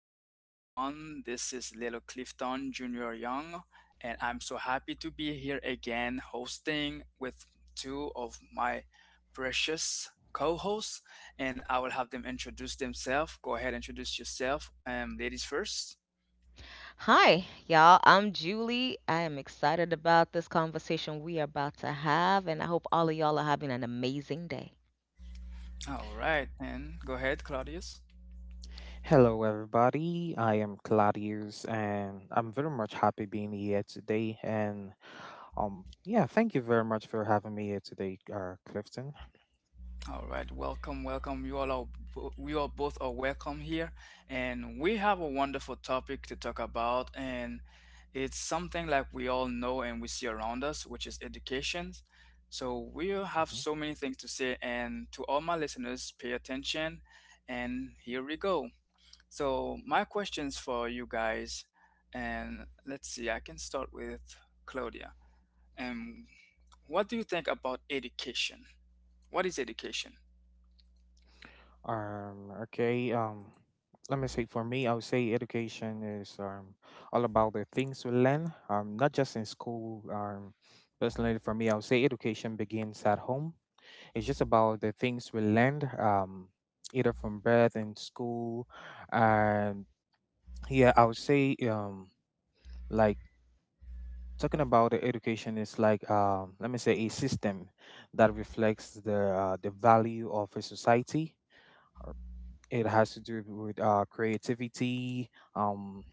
morning, everyone. This is Little Clifton Jr. Young, and I'm so happy to be here again hosting with two of my precious co hosts. And I will have them introduce themselves. Go ahead, introduce yourself, ladies first. Hi, y'all. I'm Julie. I am excited about this conversation we are about to have, and I hope all of y'all are having an amazing day. All right, and go ahead, Claudius. Hello, everybody. I am Claudius, and I'm very much happy being here today. And Yeah, thank you very much for having me here today, Clifton. All right, welcome, welcome. You all are We all both are welcome here, and we have a wonderful topic to talk about, and it's something like we all know and we see around us, which is education. So we have Mm-hmm. so many things to say, and to all my listeners, pay attention. And here we go. So my questions for you guys, and let's see, I can start with Claudia. And what do you think about education? What is education? Um, okay, um, let me say for me, I would say education is all about the things we learn, not just in school. Personally, for me, I would say education begins at home. It's just about the things we learned, either from birth and school. And yeah, I would say like talking about the education is like let me say a system that reflects the value of a society. It has to do with creativity, um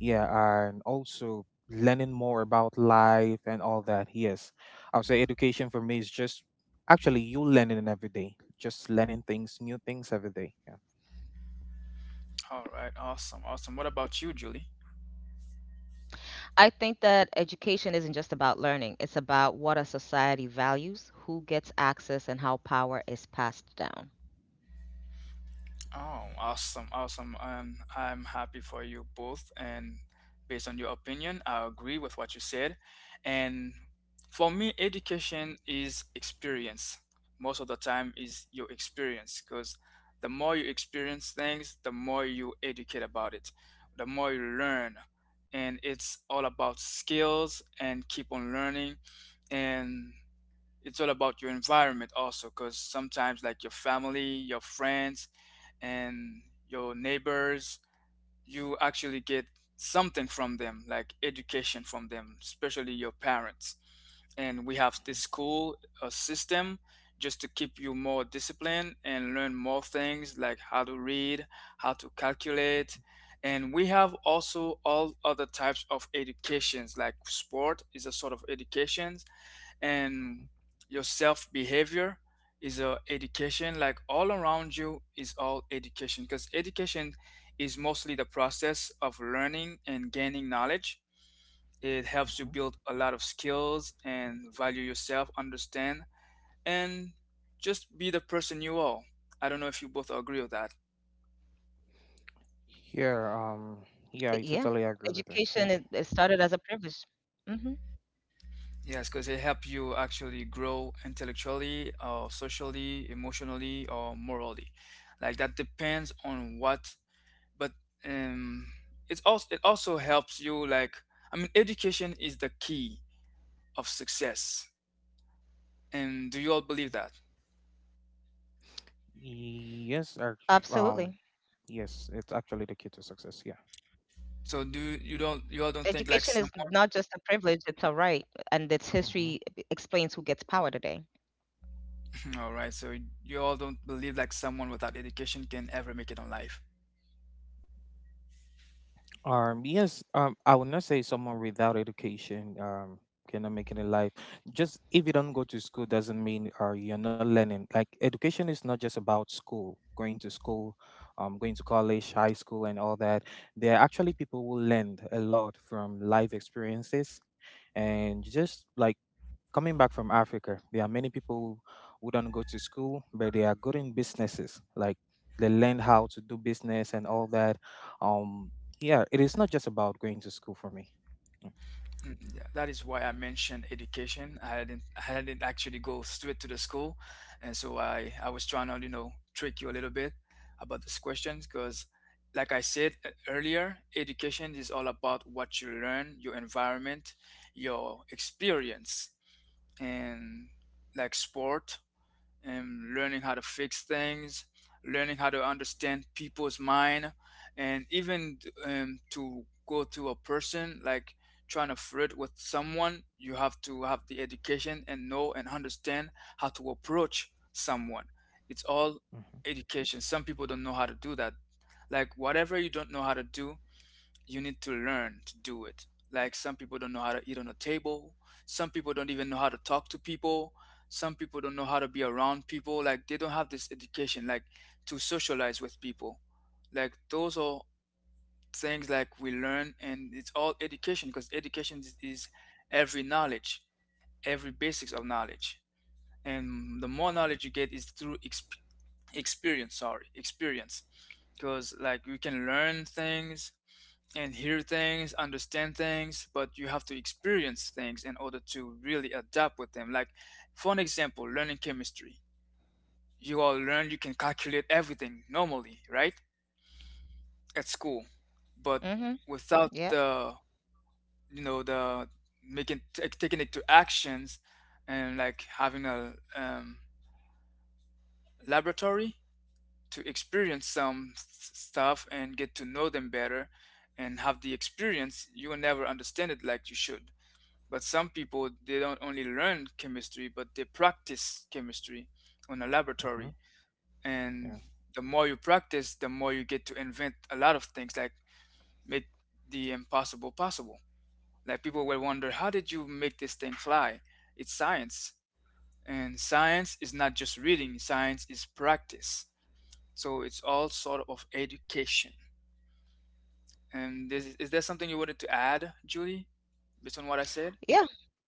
yeah, and also learning more about life and all that. Yes, I would say education for me is just actually you learning every day, just learning things new things every day, All right, awesome, awesome. What about you, Julie? I think that education isn't just about learning, it's about what a society values, who gets access, and how power is passed down. Oh, awesome, awesome. I'm happy for you both. And based on your opinion, I agree with what you said. And for me, education is experience. Most of the time is your experience because the more you experience things, the more you educate about it, the more you learn. And it's all about skills and keep on learning. And it's all about your environment also, because sometimes like your family, your friends, and your neighbors, you actually get something from them, like education from them, especially your parents. And we have this school system just to keep you more disciplined and learn more things, like how to read, how to calculate. And we have also all other types of educations, like sport is a sort of education, hmm and your self behavior is education. Like all around you is all education, because education is mostly the process of learning and gaining knowledge. It helps you hmm build a lot of skills and value yourself, understand, and just be the person you are. I don't know if you both agree with that. Yeah, yeah. Yeah, I education it totally agree started with as a that, yeah. privilege. Hmm. Yes, because it helps you actually grow intellectually or socially, emotionally, or morally. Like that depends on what. But um, it's also, it also helps you like, I mean, education is the key of success. And do you all believe that? Absolutely. yes ac- um Yes, it's actually the key to success. Yeah. So do you, you don't you Education all is don't think not like just a some privilege, it's a right, and its history hmm explains who gets power today. all right, so you all don't believe like someone without education can ever make it on life. Yes, I would not say someone without education cannot make it in life. Just if you don't go to school doesn't mean you're not learning. Like education is not just about school, going to college, high school, and all that. There are actually people who learn a lot from life experiences, and just like coming back from Africa, there are many people who don't go to school, but they are good in businesses. Like they learn how to do business and all that. Um, yeah, it is not just about going to school for me. Mm. Mm, yeah, that is why I mentioned education. I didn't actually go straight to the school, and so I was trying to, you know, trick you a little bit about this question, because like I said e- earlier, education is all about what you learn, your environment, your experience, and like sport, and learning how to fix things, learning how to understand people's mind, and even to go to a person like trying to flirt with someone, you have to have the education and know and understand how to approach someone. It's all Mhm. education. Some people don't know how to do that. Like whatever you don't know how to do, you need to learn to do it. Like some people don't know how to eat on a table. Some people don't even know how to talk to people. Some people don't know how to be around people. Like they don't have this education, like to socialize with people. Like those are things like we learn, and it's all education because education is every knowledge, every basics of knowledge. And the more knowledge you get is through experience. Sorry, experience, because like you can learn things and hear things, understand things, but you have to experience things in order to really adapt with them. Like, for an example, learning chemistry. You all learn you can calculate everything normally, right? At school, Hmm. but Yeah. without the, you know, the making taking it to actions, and like having a laboratory to experience some stuff and get to know them better and have the experience, you will never understand it like you should. But some people, they don't only learn chemistry, but they practice chemistry on a Mhm. laboratory. Yeah. And the more you practice, the more you get to invent a lot of things, like make the impossible possible. Like people will wonder, how did you make this thing fly? It's science. And science is not just reading, science is practice. So it's all sort of education. And this, is there something you wanted to add, Julie, based on what I said? Yeah,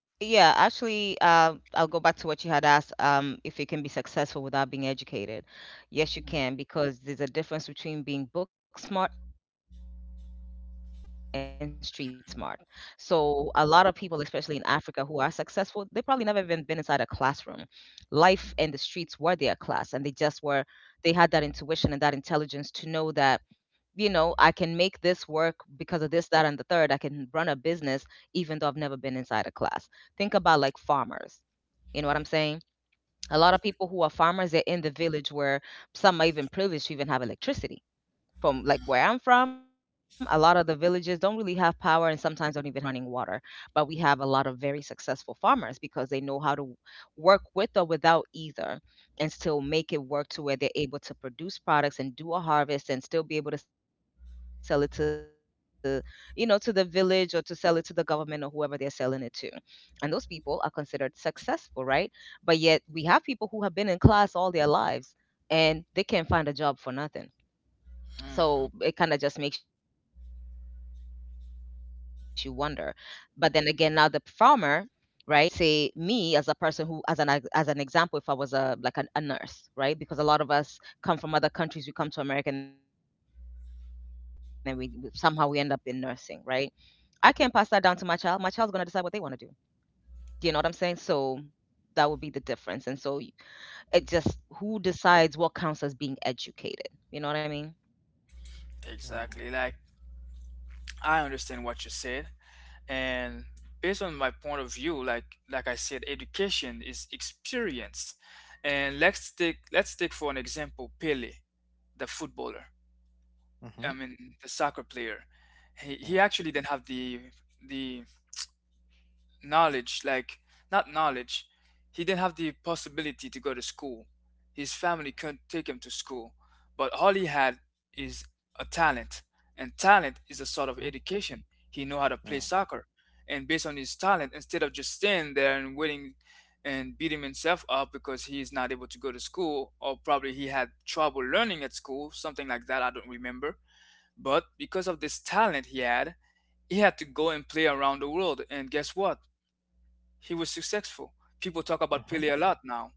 yeah, actually, I'll go back to what you had asked, if it can be successful without being educated. Yes, you can, because there's a difference between being book smart and street smart. So a lot of people, especially in Africa, who are successful, they probably never even been inside a classroom. Life and the streets were their class, and they just were, they had that intuition and that intelligence to know that I can make this work because of this, that, and the third. I can run a business even though I've never been inside a class. Think about like farmers. You know what I'm saying? A lot of people who are farmers, they're in the village where some might even privileged to even have electricity from, like, where I'm from, a lot of the villages don't really have power and sometimes don't even have running water. But we have a lot of very successful farmers because they know how to work with or without either and still make it work to where they're able to produce products and do a harvest and still be able to sell it to to the village, or to sell it to the government or whoever they're selling it to. And those people are considered successful, right? But yet we have people who have been in class all their lives and they can't find a job for nothing, Hmm. so it kind of just makes you wonder. But then again, now the farmer is able to pass down this knowledge that they have to their children, right? And say me, as a person who, as an example, if I was, a like, an, a nurse, right? Because a lot of us come from other countries, we come to America, and then somehow we end up in nursing, right? I can't pass that down to my child. My child's gonna decide what they want to do. Do you know what I'm saying? So that would be the difference. And so it just, who decides what counts as being educated? You know what I mean? Yeah. Exactly. Like I understand what you said, and based on my point of view, like I said, education is experience. And let's take for an example Pele, the footballer. Mhm. I mean the soccer player. Yeah. He actually didn't have the knowledge, like not knowledge, he didn't have the possibility to go to school. His family couldn't take him to school, but all he had is a talent, and talent is a sort of Mhm. education. He knew how to Yeah. play soccer, and based on his talent, instead of just staying there and waiting and beating himself up because he is not able to go to school, or probably he had trouble learning at school, something like that, I don't remember. But because of this talent he had, he had to go and play around the world, and guess what, he was successful. People talk about Mhm. Pele a lot now.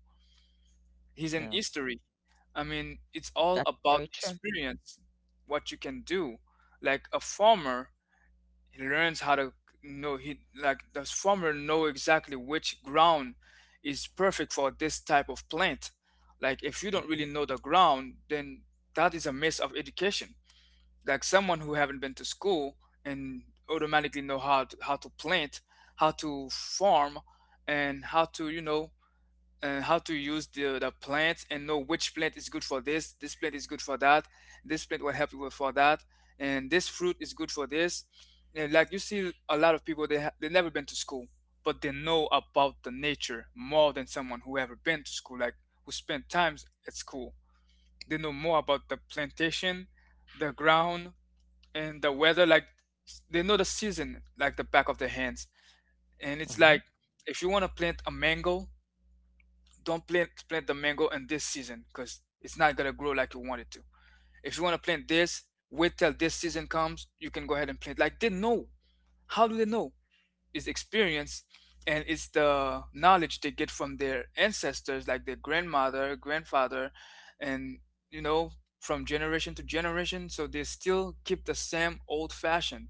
He's in Yeah. history. I mean, it's all That's about very true. experience, what you can do. Like a farmer, he learns how to know, he like the farmer know exactly which ground is perfect for this type of plant. Like if you don't mhm, really know the ground, then that is a miss of education. Like someone who haven't been to school and automatically know how to, plant, how to farm, and how to, you know, how to use the plants, and know which plant is good for this, this plant is good for that, this plant will help you with for that, and this fruit is good for this. And like you see a lot of people, they never been to school, but they know about the nature more than someone who ever been to school, like who spent times at school. They know more about the plantation, the ground, and the weather. Like they know the season like the back of their hands. And it's mhm. Mhm. like if you want to plant a mango, don't plant the mango in this season, because it's not gonna grow like you want it to. If you want to plant this, wait till this season comes. You can go ahead and plant. Like they know. How do they know? It's experience, and it's the knowledge they get from their ancestors, like their grandmother, grandfather, and you know, from generation to generation. So they still keep the same old fashioned,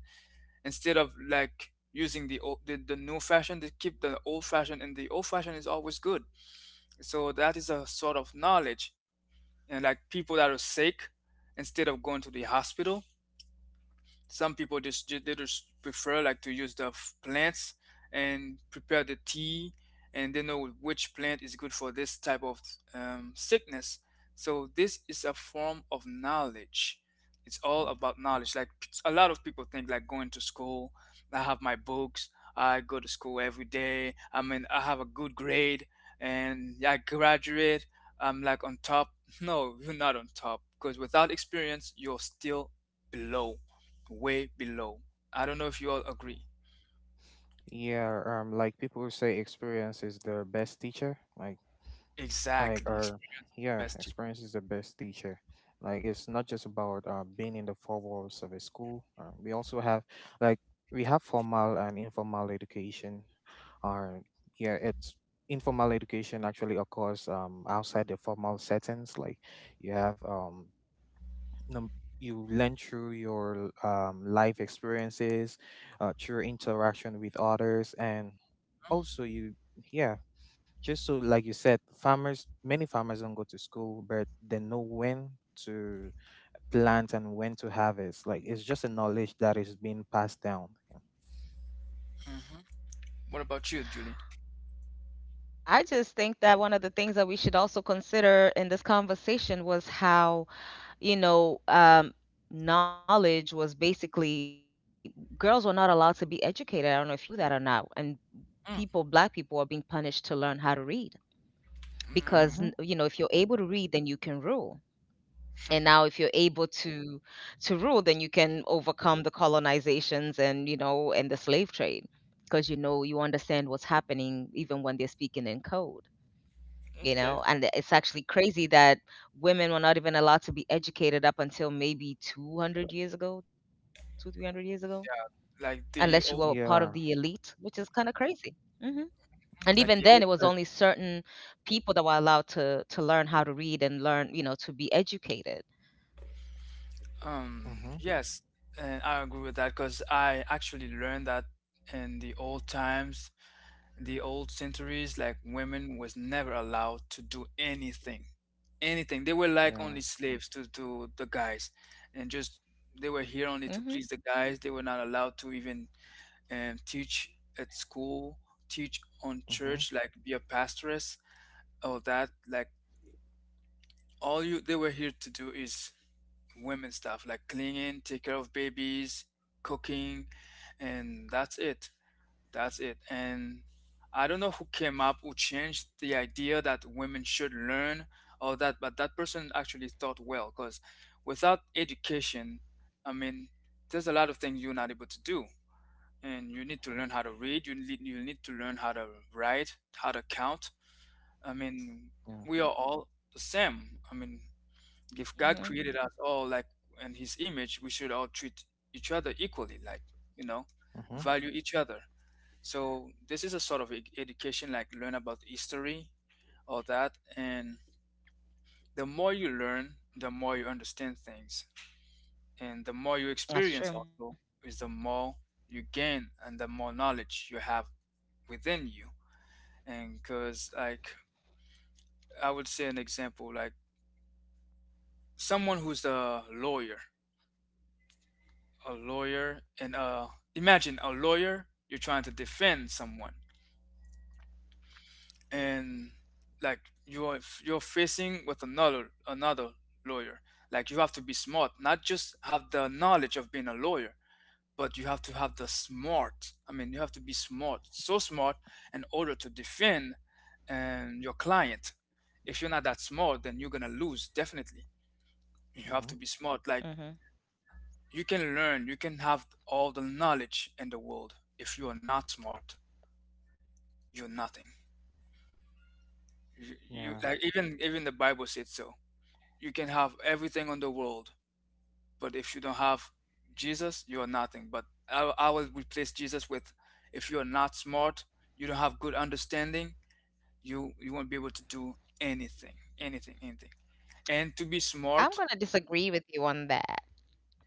instead of like using the old the new fashion. They keep the old fashioned, and the old fashioned is always good. So that is a sort of knowledge. And like people that are sick, instead of going to the hospital, some people just they just prefer like to use the plants and prepare the tea, and they know which plant is good for this type of sickness. So this is a form of knowledge. It's all Yeah. about knowledge. Like a lot of people think like going to school. I have my books. I go to school every day. I mean, I have a good grade and I graduate. I'm like on top. No, you're not on top, because without experience, you're still below, way below. I don't know if you all agree. Yeah, like people who say, experience is the best teacher. Like, Exactly. or Experience your yeah, best teacher. experience is the best teacher. Like, it's not just about being in the four walls of a school. We also have, like, we have formal and informal education. Or yeah, it's Informal education actually occurs outside the formal settings. Like, you have num- you learn through your life experiences, through interaction with others, and also you yeah just so like you said, farmers, many farmers don't go to school, but they know when to plant and when to harvest. Like it's just a knowledge that is being passed down. Mm-hmm. What about you, Julie? I just think that one of the things that we should also consider in this conversation was how, you know, um, knowledge was basically girls were not allowed to be educated. I don't know if you knew that or not. And people, black Mm. people, are being punished to learn how to read because, Yeah. n- Mm. you Mm-hmm. know, if you're able to read, then you can rule. And now, if you're able to rule, then you can overcome the colonizations, and you know and the slave trade, because you understand what's happening even when they're speaking in code you Okay. know and it's actually crazy that women were not even allowed to be educated up until maybe 200 years ago, 2, 300 years ago, unless you were Like part of the the old, elite, Yeah. which is kind of crazy. Hmm. And even then it was like the only old. Uh, certain people that were allowed to learn how to read and learn, to be educated. Mm-hmm. Yes, and I agree with that, because I actually learned that in the old times, the old centuries, like women was never allowed to do anything, anything. They were like Yeah. only slaves to the guys, and just they were Hmm. here only to please the guys. They were not allowed to even and teach at school, teach on Mm-hmm. church, like be a pastoress, all that. Like all you they were here to do is women stuff, like cleaning, take care of babies, cooking, and that's it. That's it. And I don't know who came up who changed the idea that women should learn all that, but that person actually thought well because without education, I mean, there's a lot of things you're not able to do and you need to Mm-hmm. learn how to read, you need to learn how to write, how to count. i mean Yeah. we are all the same. If God Hmm. created us all like in his image, we should all treat each other equally, like, you know Mm-hmm. value each other. So this is a sort of education, like learn about history, all that. And the more you learn, the more you understand things, and the more you experience That's true. also is the more you gain and the more knowledge you have within you. And because, like, I would say an example, like someone who's a lawyer, a lawyer and imagine a lawyer, you're trying to defend someone, and like you're facing with another lawyer. Like you have to be smart, not just have the knowledge of being a lawyer, but you have to have the smart. You have to be smart, so smart, in order to defend and your client. If you're not that smart, then you're gonna lose, definitely. You have Mm-hmm. to be smart. Like, Hmm. you can learn, you can have all the knowledge in the world. If you are not smart, you're nothing. You Yeah. like even the Bible said so. You can have everything on the world, but if you don't have Jesus, you are nothing. But I will replace Jesus with, if you are not smart, you don't have good understanding, you won't be able to do anything, anything, anything. And to be smart, I'm going to disagree with you on that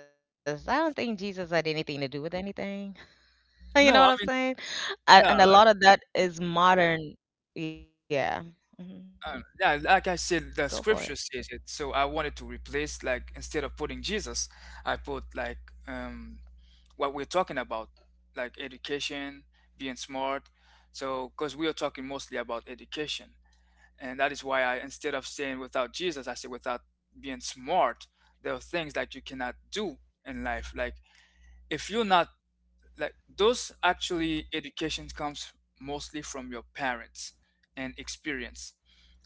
because I don't think Jesus had anything to do with anything. You know no, what I'm saying? A no. and a lot of that is modern. Yeah. Mhm. Yeah, like I said, the Go for it. scripture says it. So I wanted to replace, like, instead of putting Jesus, I put like um, what we're talking about, like education, being smart. So, because we are talking mostly about education, and that is why I, instead of saying without Jesus, I said without being smart. There are things that you cannot do in life. Like if you're not, like, those actually education comes mostly from your parents and experience.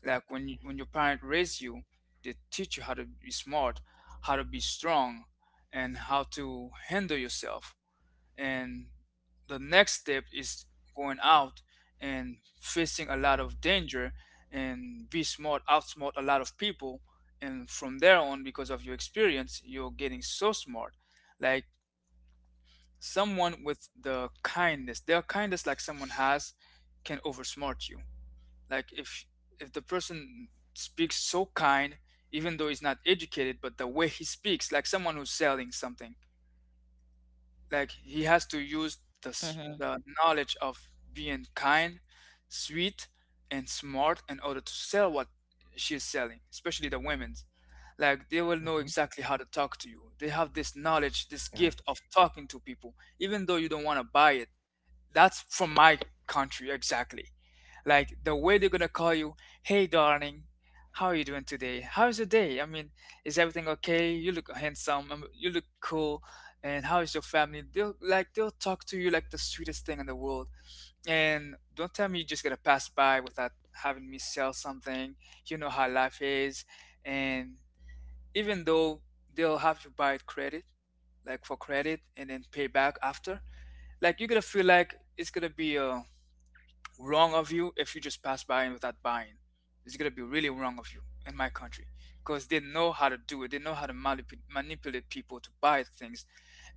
Like when your parent raise you, they teach you how to be smart, how to be strong, and how to handle yourself, and the next step is going out and facing a lot of danger and be smart, outsmart a lot of people. And from there on, because of your experience, you're getting so smart. Like someone with their kindness, like someone has can oversmart you. Like if the person speaks so kind, even though he's not educated, but the way he speaks, like someone who's selling something, like he has to use the, Mhm. The knowledge of being kind, sweet, and smart in order to sell what she's selling, especially the women's. Like they Mm-hmm. will know exactly how to talk to you. They have this knowledge, Yeah. this gift of talking to people, even though you don't want to buy it. That's from my country exactly. Like the way they're gonna call you, "Hey darling, how are you doing today? How's your day? Is everything okay? You look handsome. You look cool. And how is your family?" They'll like they'll talk to you like the sweetest thing in the world. And, "Don't tell me you're just gonna pass by without having me sell something. You know how life is." And even though they'll have you buy it credit, like for credit, and then pay back after, like you're gonna feel like it's gonna be a wrong of you if you just pass by and without buying. It's gonna be really wrong of you in my country because they know how to do it. They know how to manipulate people to buy things.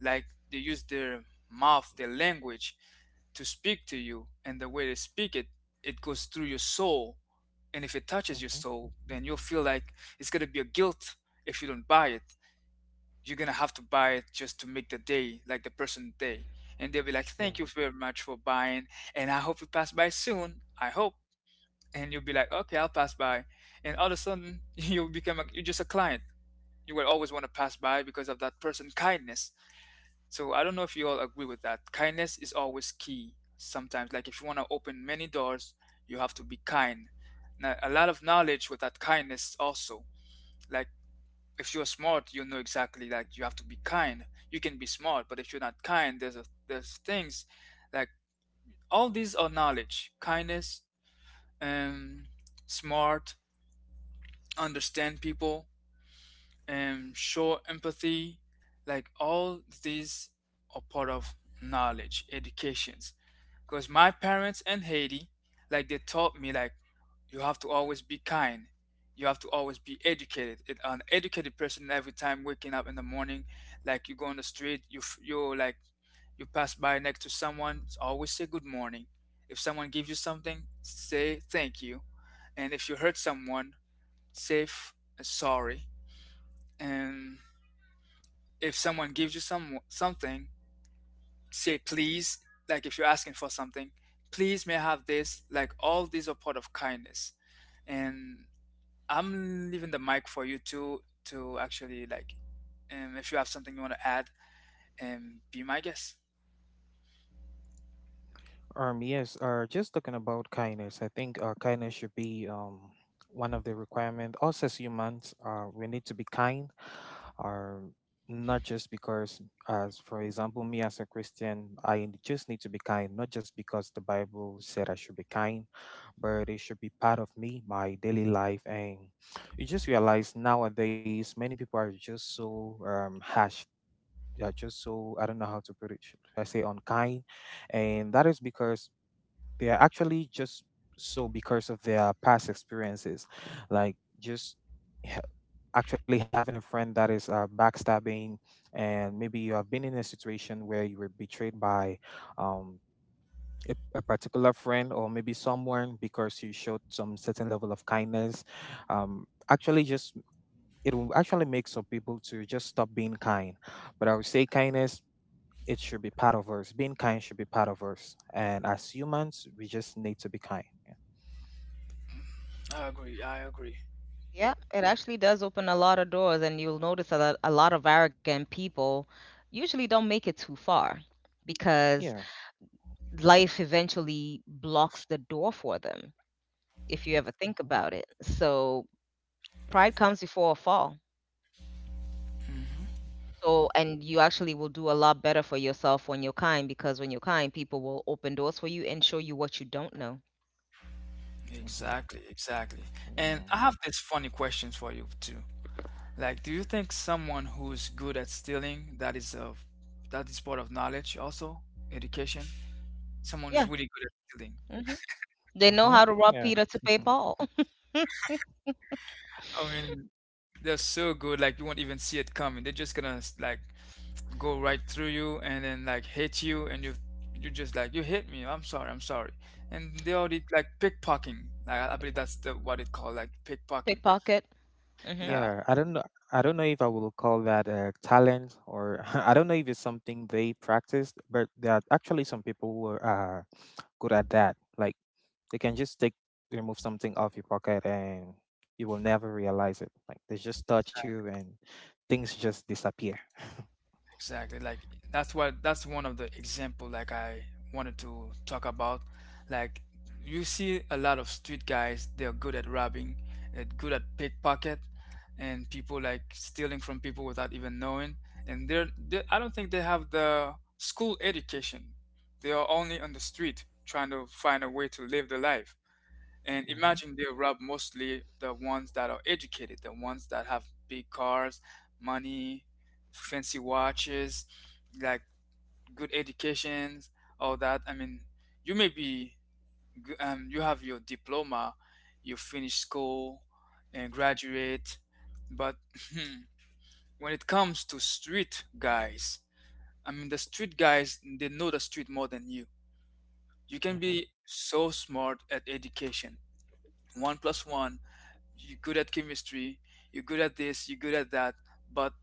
Like they use their mouth, their language to speak to you, and the way they speak it, it goes through your soul. And if it touches your Mm-hmm. soul, then you'll feel like it's gonna be a guilt if you don't buy it. You're gonna have to buy it just to make the day, like the person day. And they'll be like, Yeah. "Thank you very much for buying, and I hope you pass by soon. I hope." And you'll be like, "Okay, I'll pass by." And all of a sudden you become a, you're just a client. You will always want to pass by because of that person kindness. So I don't know if you all agree with that. Kindness is always key sometimes. Like if you want to open many doors, you have to be kind. Now, a lot of knowledge with that kindness also. Like if you're smart, you'll know exactly, like you have to be kind. You can be smart, but if you're not kind, there's a, there's things. Like all these are knowledge, kindness, and smart, understand people and show empathy. Like all these are part of knowledge educations. Because my parents in Haiti, like they taught me, like you have to always be kind. You have to always be educated. It, an educated person every time waking up in the morning, like you go on the street, you you like you pass by next to someone, always say good morning. If someone gives you something, say thank you. And if you hurt someone, say sorry. And if someone gives you something, say please. Like if you're asking for something, please may I have this. Like all these are part of kindness. And I'm leaving the mic for you to actually like if you have something you want to add, be my guest. Yes. Just talking about kindness, I think kindness should be one of the requirement. Us as humans, we need to be kind. Uh, Not just because, as for example, me as a Christian, I just need to be kind. Not just because the Bible said I should be kind, but it should be part of me, my daily life. And you just realize nowadays, many people are just so harsh, yeah, just so I don't know how to put it. Should I say unkind? And that is because they are actually just so because of their past experiences, like ha- actually having a friend that is backstabbing, and maybe you have been in a situation where you were betrayed by um, a particular friend or maybe someone because you showed some certain level of kindness. Actually, just it will actually make some people to just stop being kind. But I would say kindness, it should be part of us. Being kind should be part of us. And as humans, we just need to be kind. Yeah. I agree. I agree. Yeah, it actually does open a lot of doors, and you'll notice that a lot of arrogant people usually don't make it too far because Yeah. life eventually blocks the door for them, if you ever think Mm-hmm. about it. So, pride comes before a fall. Mm-hmm. Hmm. So, and you actually will do a lot better for yourself when you're kind, because when you're kind, people will open doors for you and show you what you don't know. Exactly, exactly. And Mm-hmm. I have these funny questions for you too. Like, do you think someone who's good at stealing, that is part of knowledge also, education? Someone who's Yeah. really good at stealing. Mhm. They know Mm-hmm. how to rob Yeah. Peter to pay Paul. I mean, they're so good, like you won't even see it coming. They're just gonna like go right through you and then like hit you, and you you just like, "You hit me. I'm sorry, I'm sorry." And they already like pickpocketing. Like I believe that's the what it called, like pickpocketing. Pickpocket. Hmm. Yeah. Yeah, I don't know. I don't know if I will call that a talent or I don't know if it's something they practiced, but there are actually some people who are good at that. Like they can just take remove something off your pocket and you will never realize it. Like they just touch you and things just disappear. Exactly. Like that's what, that's one of the example like I wanted to talk about. Like you see a lot of street guys, they're good at robbing, they good at pickpocket, and people like stealing from people without even knowing. And they I don't think they have the school education. They are only on the street trying to find a way to live their life. And Mhm, imagine they rob mostly the ones that are educated, the ones that have big cars, money, fancy watches, like good educations, all that. I mean, you may be, you have your diploma, you finish school and graduate, but when it comes to street guys, I mean, the street guys, they know the street more than you. You can mhm. be so smart at education. 1 plus 1, you're good at chemistry, you're good at this, you're good at that, but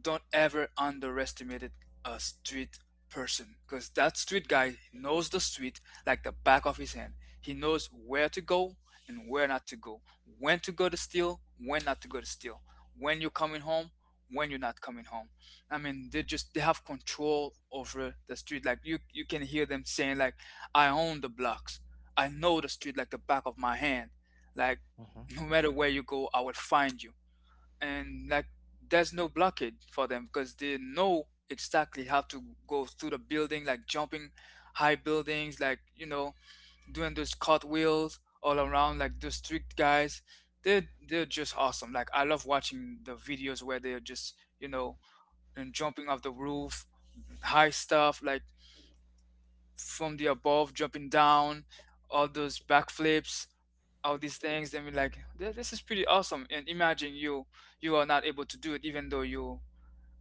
don't ever underestimate a street person because that street guy knows the street like the back of his hand. He knows where to go and where not to go, when to go to steal, when not to go to steal, when you're coming home, when you're not coming home. I mean, they just they have control over the street. Like you can hear them saying like, "I own the blocks. I know the street like the back of my hand. Like Mhm. no matter where you go, I will find you." And like there's no blockade for them because they know exactly how to go through the building, like jumping high buildings, like, doing those cartwheels all around, like those strict guys. They're just awesome. Like I love watching the videos where they're just, and jumping off the roof, high stuff, like from the above, jumping down, all those backflips, all these things. Then we're like, "Th- this is pretty awesome." And imagine you, you are not able to do it, even though you,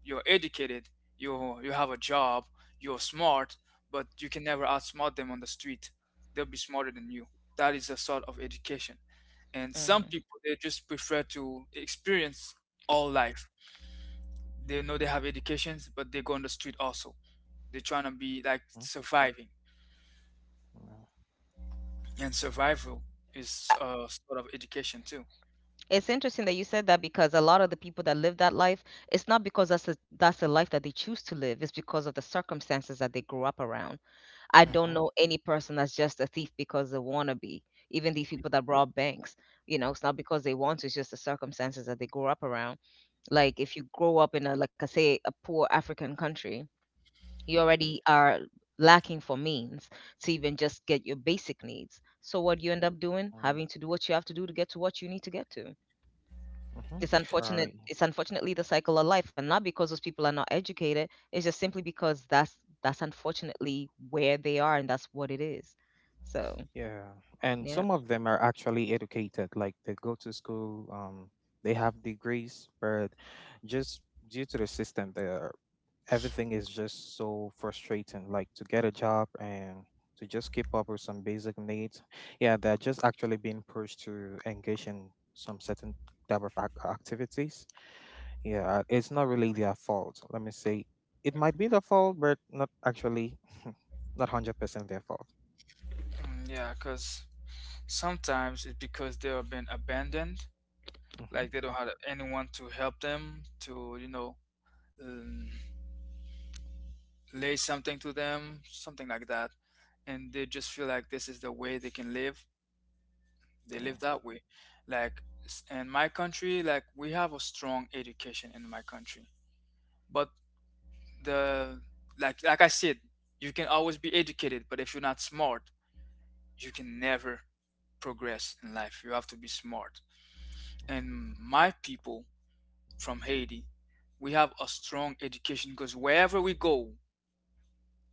you're educated, you have a job, you're smart, but you can never outsmart them on the street. They'll be smarter than you. That is a sort of education. And some Hmm. people they just prefer to experience all life. They know they have educations, but they go on the street also. They're trying to be like Mhm. surviving, Yeah. and survival is a sort of education too. It's interesting that you said that, because a lot of the people that live that life, it's not because that's a life that they choose to live. It's because of the circumstances that they grew up around. I don't Mm, Mhm. know any person that's just a thief because they want to be. Even these people that rob banks, it's not because they want to. It's just the circumstances that they grew up around. Like, if you grow up in a, like I say, a poor African country, you already are lacking for means to even just get your basic needs. So what do you end up doing? Mhm. Having to do what you have to do to get to what you need to get to. Mhm. It's Uh, unfortunate. It's unfortunately the cycle of life, and not because those people are not educated. It's just simply because that's unfortunately where they are, and that's what it is. So yeah, and yeah, some of them are actually educated, like they go to school, they have degrees, but just due to the system, there everything is just so frustrating. Like to get a job and to just keep up with some basic needs, yeah, they're just actually being pushed to engage in some certain type of activities. Yeah, it's not really their fault. Let me say it might be their fault, but not actually, not 100% their fault. mm, yeah, because sometimes it's because they have been abandoned, Mm-hmm. like they don't have anyone to help them to, um, lay something to them, something like that. And they just feel like this is the way they can live. They Mm. live that way. Like in my country, like we have a strong education in my country, but the, like I said, you can always be educated, but if you're not smart, you can never progress in life. You have to be smart. And my people from Haiti, we have a strong education because wherever we go,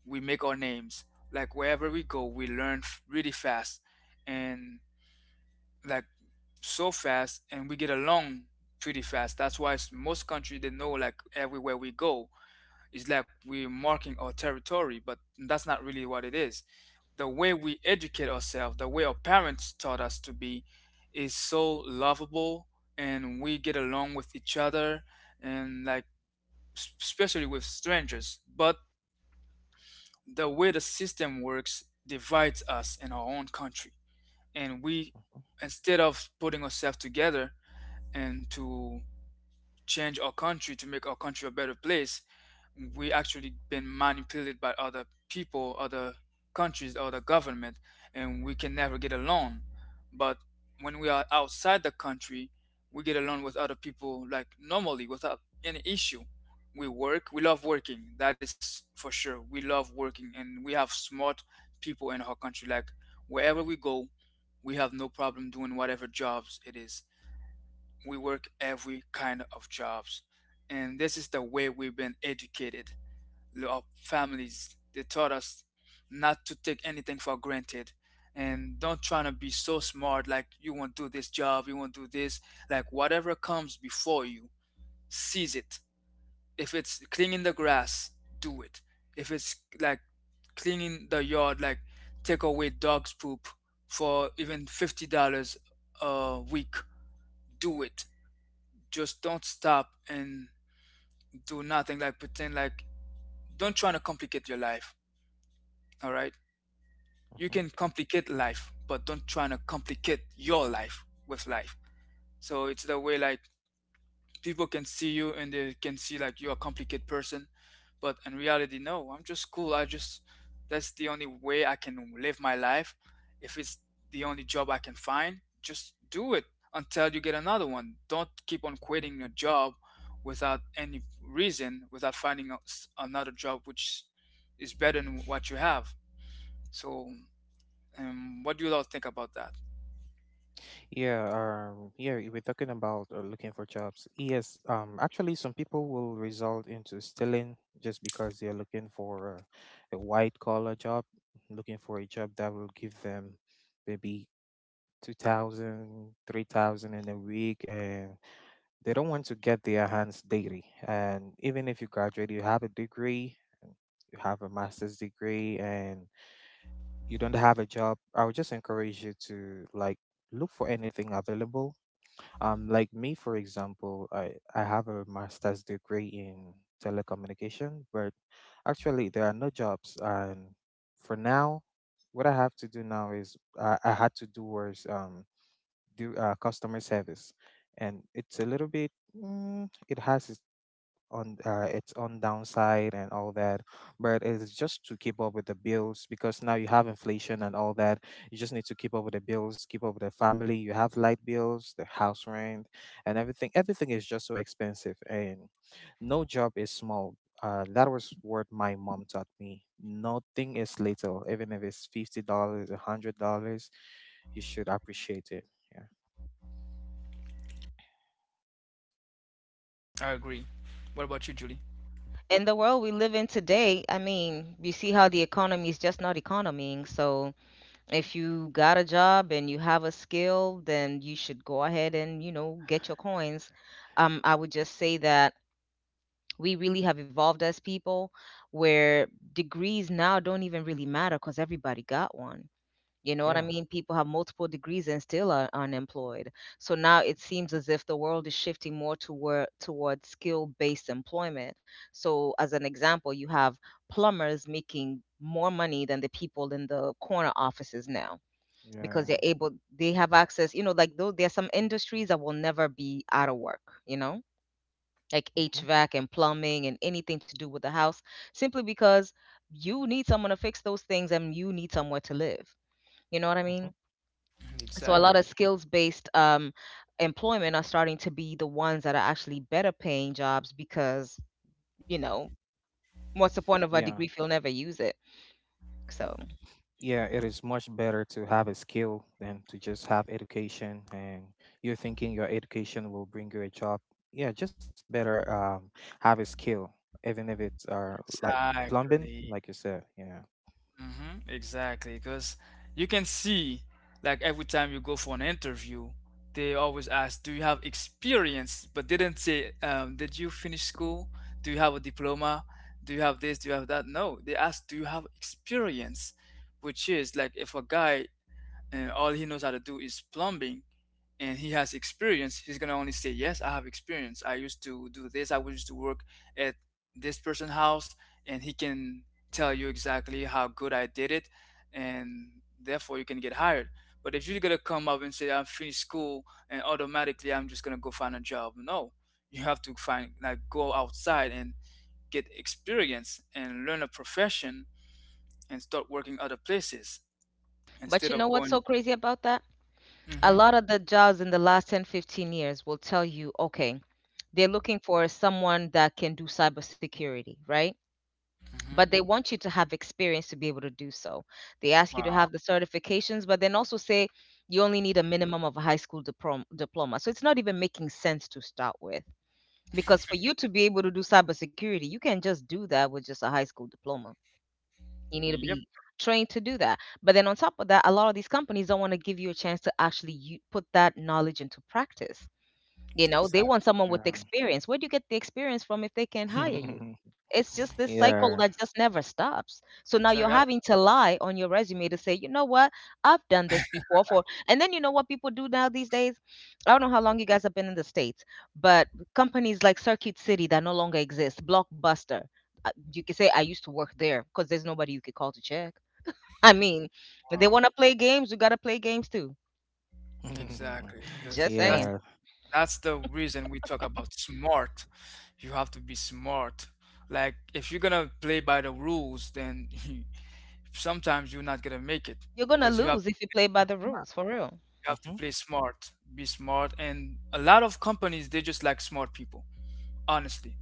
we make our names. Like wherever we go, we learn really fast, and like so fast, and we get along pretty fast. That's why most countries they know like everywhere we go, it's like we're marking our territory, but that's not really what it is. The way we educate ourselves, the way our parents taught us to be, is so lovable, and we get along with each other, and like especially with strangers. But the way the system works divides us in our own country, and we Mm-hmm. instead of putting ourselves together and to change our country to make our country a better place, we actually been manipulated by other people, other countries, other government, and we can never get along. But when we are outside the country, we get along with other people like normally without any issue. We work, we love working, that is for sure. We love working and we have smart people in our country. Like wherever we go, we have no problem doing whatever jobs it is. We work every kind of jobs, and this is the way we've been educated. Our families they taught us not to take anything for granted, and don't try to be so smart like you won't do this job, you won't do this. Like whatever comes before you, seize it. If it's cleaning the grass, do it. If it's like cleaning the yard, like take away dog's poop for even $50 a week, do it. Just don't stop and do nothing, like pretend like don't try to complicate your life, all right? You Mm-hmm. can complicate life, but don't try to complicate your life with life. So it's the way like people can see you and they can see like you're a complicated person, but in reality, no, I'm just cool. I just, that's the only way I can live my life. If it's the only job I can find, just do it until you get another one. Don't keep on Mm-hmm. quitting your job without any reason, without finding another job which is better than what you have. So, what do you all think about that? Yeah, you we're talking about looking for jobs. Yes, actually, some people will result into stealing just because they're looking for a white collar job, looking for a job that will give them maybe 2,000, 3,000 in a week, and they don't want to get their hands dirty. And even if you graduate, you have a degree, you have a master's degree, and you don't have a job, I would just encourage you to like look for anything available. Like me, for example, I have a master's degree in telecommunication, but actually there are no jobs. And for now, what I have to do now is I had to do was do customer service, and it's a little bit it has on its own downside and all that, but it's just to keep up with the bills, because now you have inflation and all that. You just need to keep up with the bills, keep up with the family. You have light bills, the house rent, and everything, everything is just so expensive. And no job is small. That was what my mom taught me: nothing is little, even if it's $50, a $100, you should appreciate it. Yeah. I agree. What about you, Julie? in the world we live in today, I mean, you see how the economy is just not economying. So if you got a job and you have a skill, then you should go ahead and get your coins. I would just say that we really have evolved as people where degrees now don't even really matter because everybody got one. You know what I Yeah. mean? People have multiple degrees and still are unemployed. So now it seems as if the world is shifting more toward skill-based employment. So as an example, you have plumbers making more money than the people in the corner offices now, Yeah. Yeah, because yeah. They have access, like, though there are some industries that will never be out of work you know like, Mm-hmm. hvac and plumbing and anything to do with the house, simply because you need someone to fix those things and you need somewhere to live, you know what I Mm-hmm. mean? So a Yeah. Exactly. lot of skills based employment are starting to be the ones that are actually better paying jobs, because, you know, what's the point of a Yeah. degree if you'll never use it? So, Yeah, it is much better to have a skill than to just have education and you're thinking your education will bring you a job. Yeah, just better have a skill, even if it's plumbing, Exactly. like you said. Yeah. Hmm. Exactly, because you can see, like every time you go for an interview, they always ask, "Do you have experience?" But they didn't say, "Did you finish school? Do you have a diploma? Do you have this? Do you have that?" No, they ask, "Do you have experience?" Which is like if a guy and all he knows how to do is plumbing and he has experience, he's gonna only say, yes, I have experience, I used to do this, I used to work at this person's house, and he can tell you exactly how good I did it, and therefore you can get hired. But if you're gonna come up and say I'm finished school and automatically I'm just gonna go find a job, no, you have to find like go outside and get experience and learn a profession and start working other places but instead you know of what's so going. crazy about that? A Hmm. lot of the jobs in the last 10, 15 years will tell you, okay, they're looking for someone that can do cybersecurity, right? But Hmm. they want you to have experience to be able to do so. They ask you to Wow. have the certifications, but then also say you only need a minimum of a high school diploma. So it's not even making sense to start with. Because for you to be able to do cybersecurity, you can't just do that with just a high school diploma. You need to Yep. be trained to do that. But then on top of that, a lot of these companies don't want to give you a chance to actually put that knowledge into practice. You know, they want Exactly. someone with Yeah. experience. Where do you get the experience from if they can't hire you? It's just this cycle Yeah. that just never stops. So now you're Exactly. having to lie on your resume to say, you know what, I've done this before, for. And then, you know what people do now these days? I don't know how long you guys have been in the States, but companies like Circuit City that no longer exist, Blockbuster. You can say I used to work there because there's nobody you could call to check. I mean, if they Wow. want to play games, you got to play games too. Exactly. Because Just saying. Yeah. that's the reason we talk about smart. You have to be smart. Like if you're gonna play by the rules, then sometimes you're not gonna make it You're going to because lose if you play by the rules, for real. you have to Mm-hmm. play smart, be smart, and a lot of companies they just like smart people. Honestly,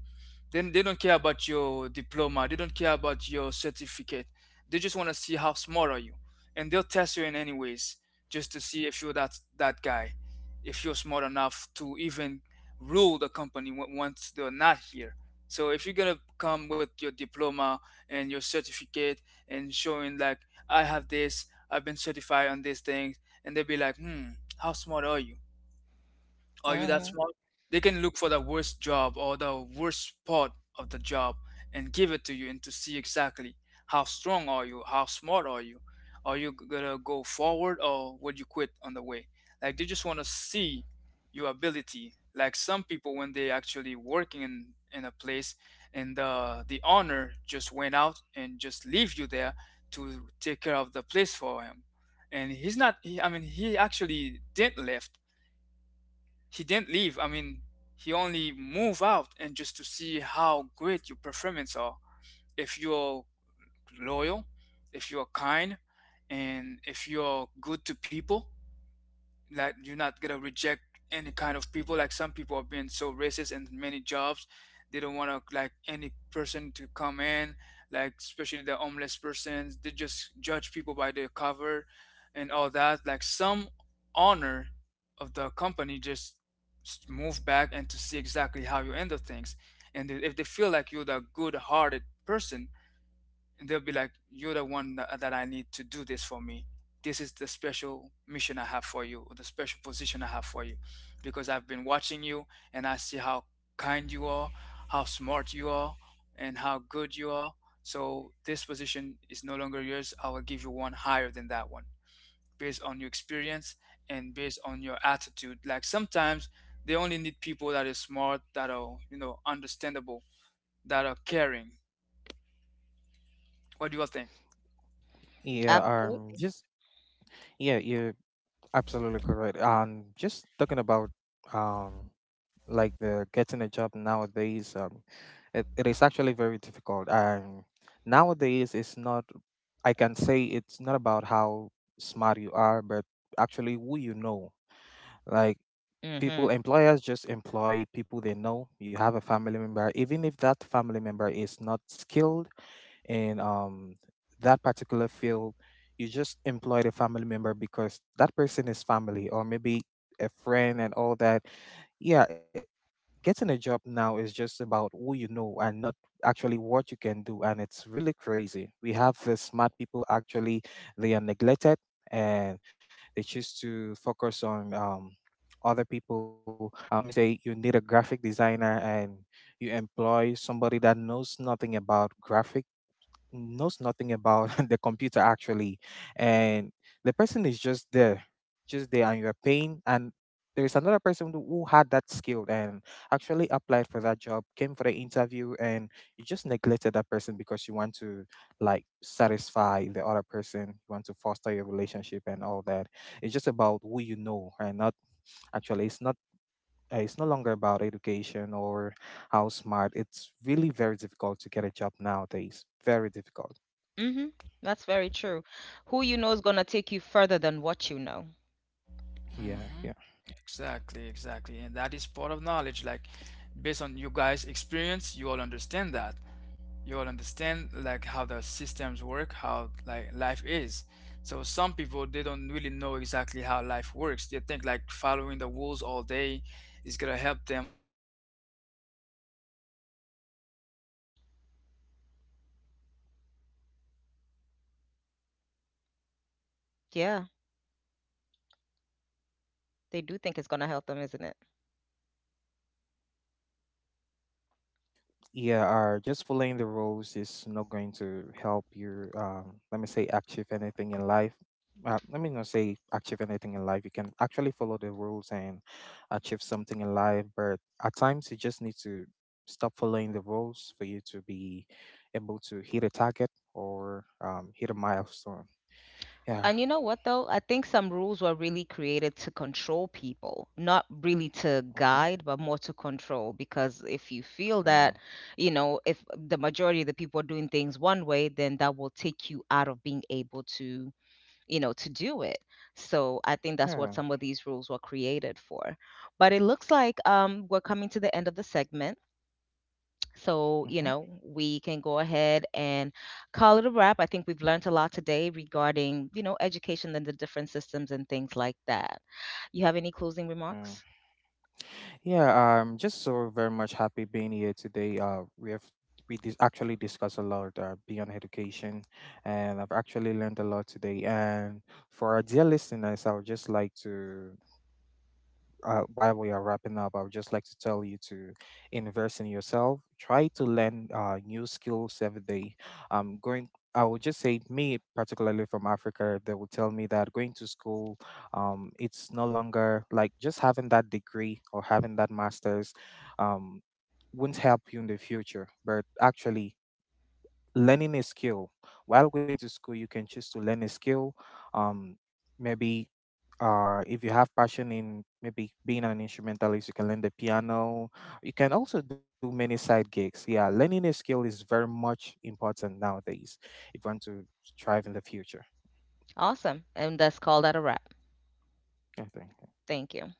then they don't care about your diploma. They don't care about your certificate. They just want to see how smart are you, and they'll test you in any ways just to see if you're that guy, if you're smart enough to even rule the company once they're not here. So if you're gonna come with your diploma and your certificate and showing like I have this, I've been certified on these things, and they'll be like, hmm, how smart are you? Are you that Mhm. smart? They can look for the worst job or the worst part of the job and give it to you and to see exactly how strong are you, how smart are you. Are you gonna go forward or would you quit on the way? Like they just wanna see your ability. Like some people when they actually working in a place and the owner just went out and just leave you there to take care of the place for him. And he's not he, I mean he actually didn't left he didn't leave. I mean, he only moved out and just to see how great your performance are. If you're loyal, if you're kind, and if you're good to people, like you're not gonna reject any kind of people. Like some people have been so racist in many jobs, they don't want to like any person to come in, like especially the homeless persons, they just judge people by their cover and all that. Like some honor of the company just move back and to see exactly how you handle things, and then if they feel like you're the good-hearted person, and they'll be like, you're the one that I need to do this for me. This is the special mission I have for you, or the special position I have for you, because I've been watching you and I see how kind you are, how smart you are, and how good you are. So this position is no longer yours, I will give you one higher than that one, based on your experience and based on your attitude. Like sometimes they only need people that are smart, that are, you know, understandable, that are caring. What do you all think? Yeah, um Absolutely. just yeah, you're absolutely correct. Just Talking about um like the getting a job nowadays, it is actually very difficult. Nowadays, it's not I can say it's not about how smart you are, but actually who you know. Like Mhm. people, employers just employ people they know. You have a family member, even if that family member is not skilled in that particular field, you just employed a family member because that person is family, or maybe a friend and all that. yeah it- Getting a job now is just about who you know and not actually what you can do. And it's really crazy, we have the smart people, actually they are neglected, and they choose to focus on other people. Let me say, you need a graphic designer, and you employ somebody that knows nothing about graphics, knows nothing about the computer actually, and the person is just there, just there, and you're paying. And there's another person who had that skill and actually applied for that job, came for the interview, and you just neglected that person because you want to like satisfy the other person, you want to foster your relationship and all that. It's just about who you know and not actually. It's no longer about education or how smart. It's really very difficult to get a job nowadays, very difficult. Mhm. That's very true. Who you know is gonna take you further than what you know. Yeah, Hmm. yeah, Exactly, exactly. And that is part of knowledge. Like, based on you guys' experience, you all understand that. You all understand like how the systems work, how like life is. So some people they don't really know exactly how life works. They think like following the rules all day is gonna help them like achieve what they want. Like it's not really gonna happen. You have to be smart and trying to see if you can make it up to yourself. You all understand? Yeah, they do think it's gonna help them, isn't it? yeah. Just following the rules is not going to help Are you. you all here? Let me say, achieve anything in life. Let me not say achieve anything in life. You can actually follow the rules and achieve something in life, but at times you just need to stop following the rules for you to be able to hit a target, or hit a milestone. Yeah. And you know what though? I think some rules were really created to control people, not really to Mm-hmm. guide, but more to control. Because if you feel Yeah. that, if the majority of the people are doing things one way, then that will take you out of being able to do it. So I think that's what Yeah. some of these rules were created for. But it looks like we're coming to the end of the segment. So, you Mm-hmm. know, we can go ahead and call it a wrap. I think we've learned a lot today regarding education and the different systems and things like that. You have any closing Yeah. remarks? Yeah, I'm just so very much happy being here today. We actually discussed a lot beyond education, and I've actually learned a lot today. And for our dear listeners, I would just like to while we are wrapping up, I would just like to tell you to invest in yourself. Try to learn new skills every day. Um, going, I would just say, me particularly from Africa, they will tell me that going to school, it's no longer like just having that degree or having that master's, um, won't help you in the future. But actually, learning a skill, while going to school you can choose to learn a skill, um maybe if you have passion in maybe being an instrumentalist, you can learn the piano. You can also do many side gigs. Yeah, learning a skill is very much important nowadays if you want to thrive in the future. Awesome. And that's called that a wrap. I think. Thank Yeah. you.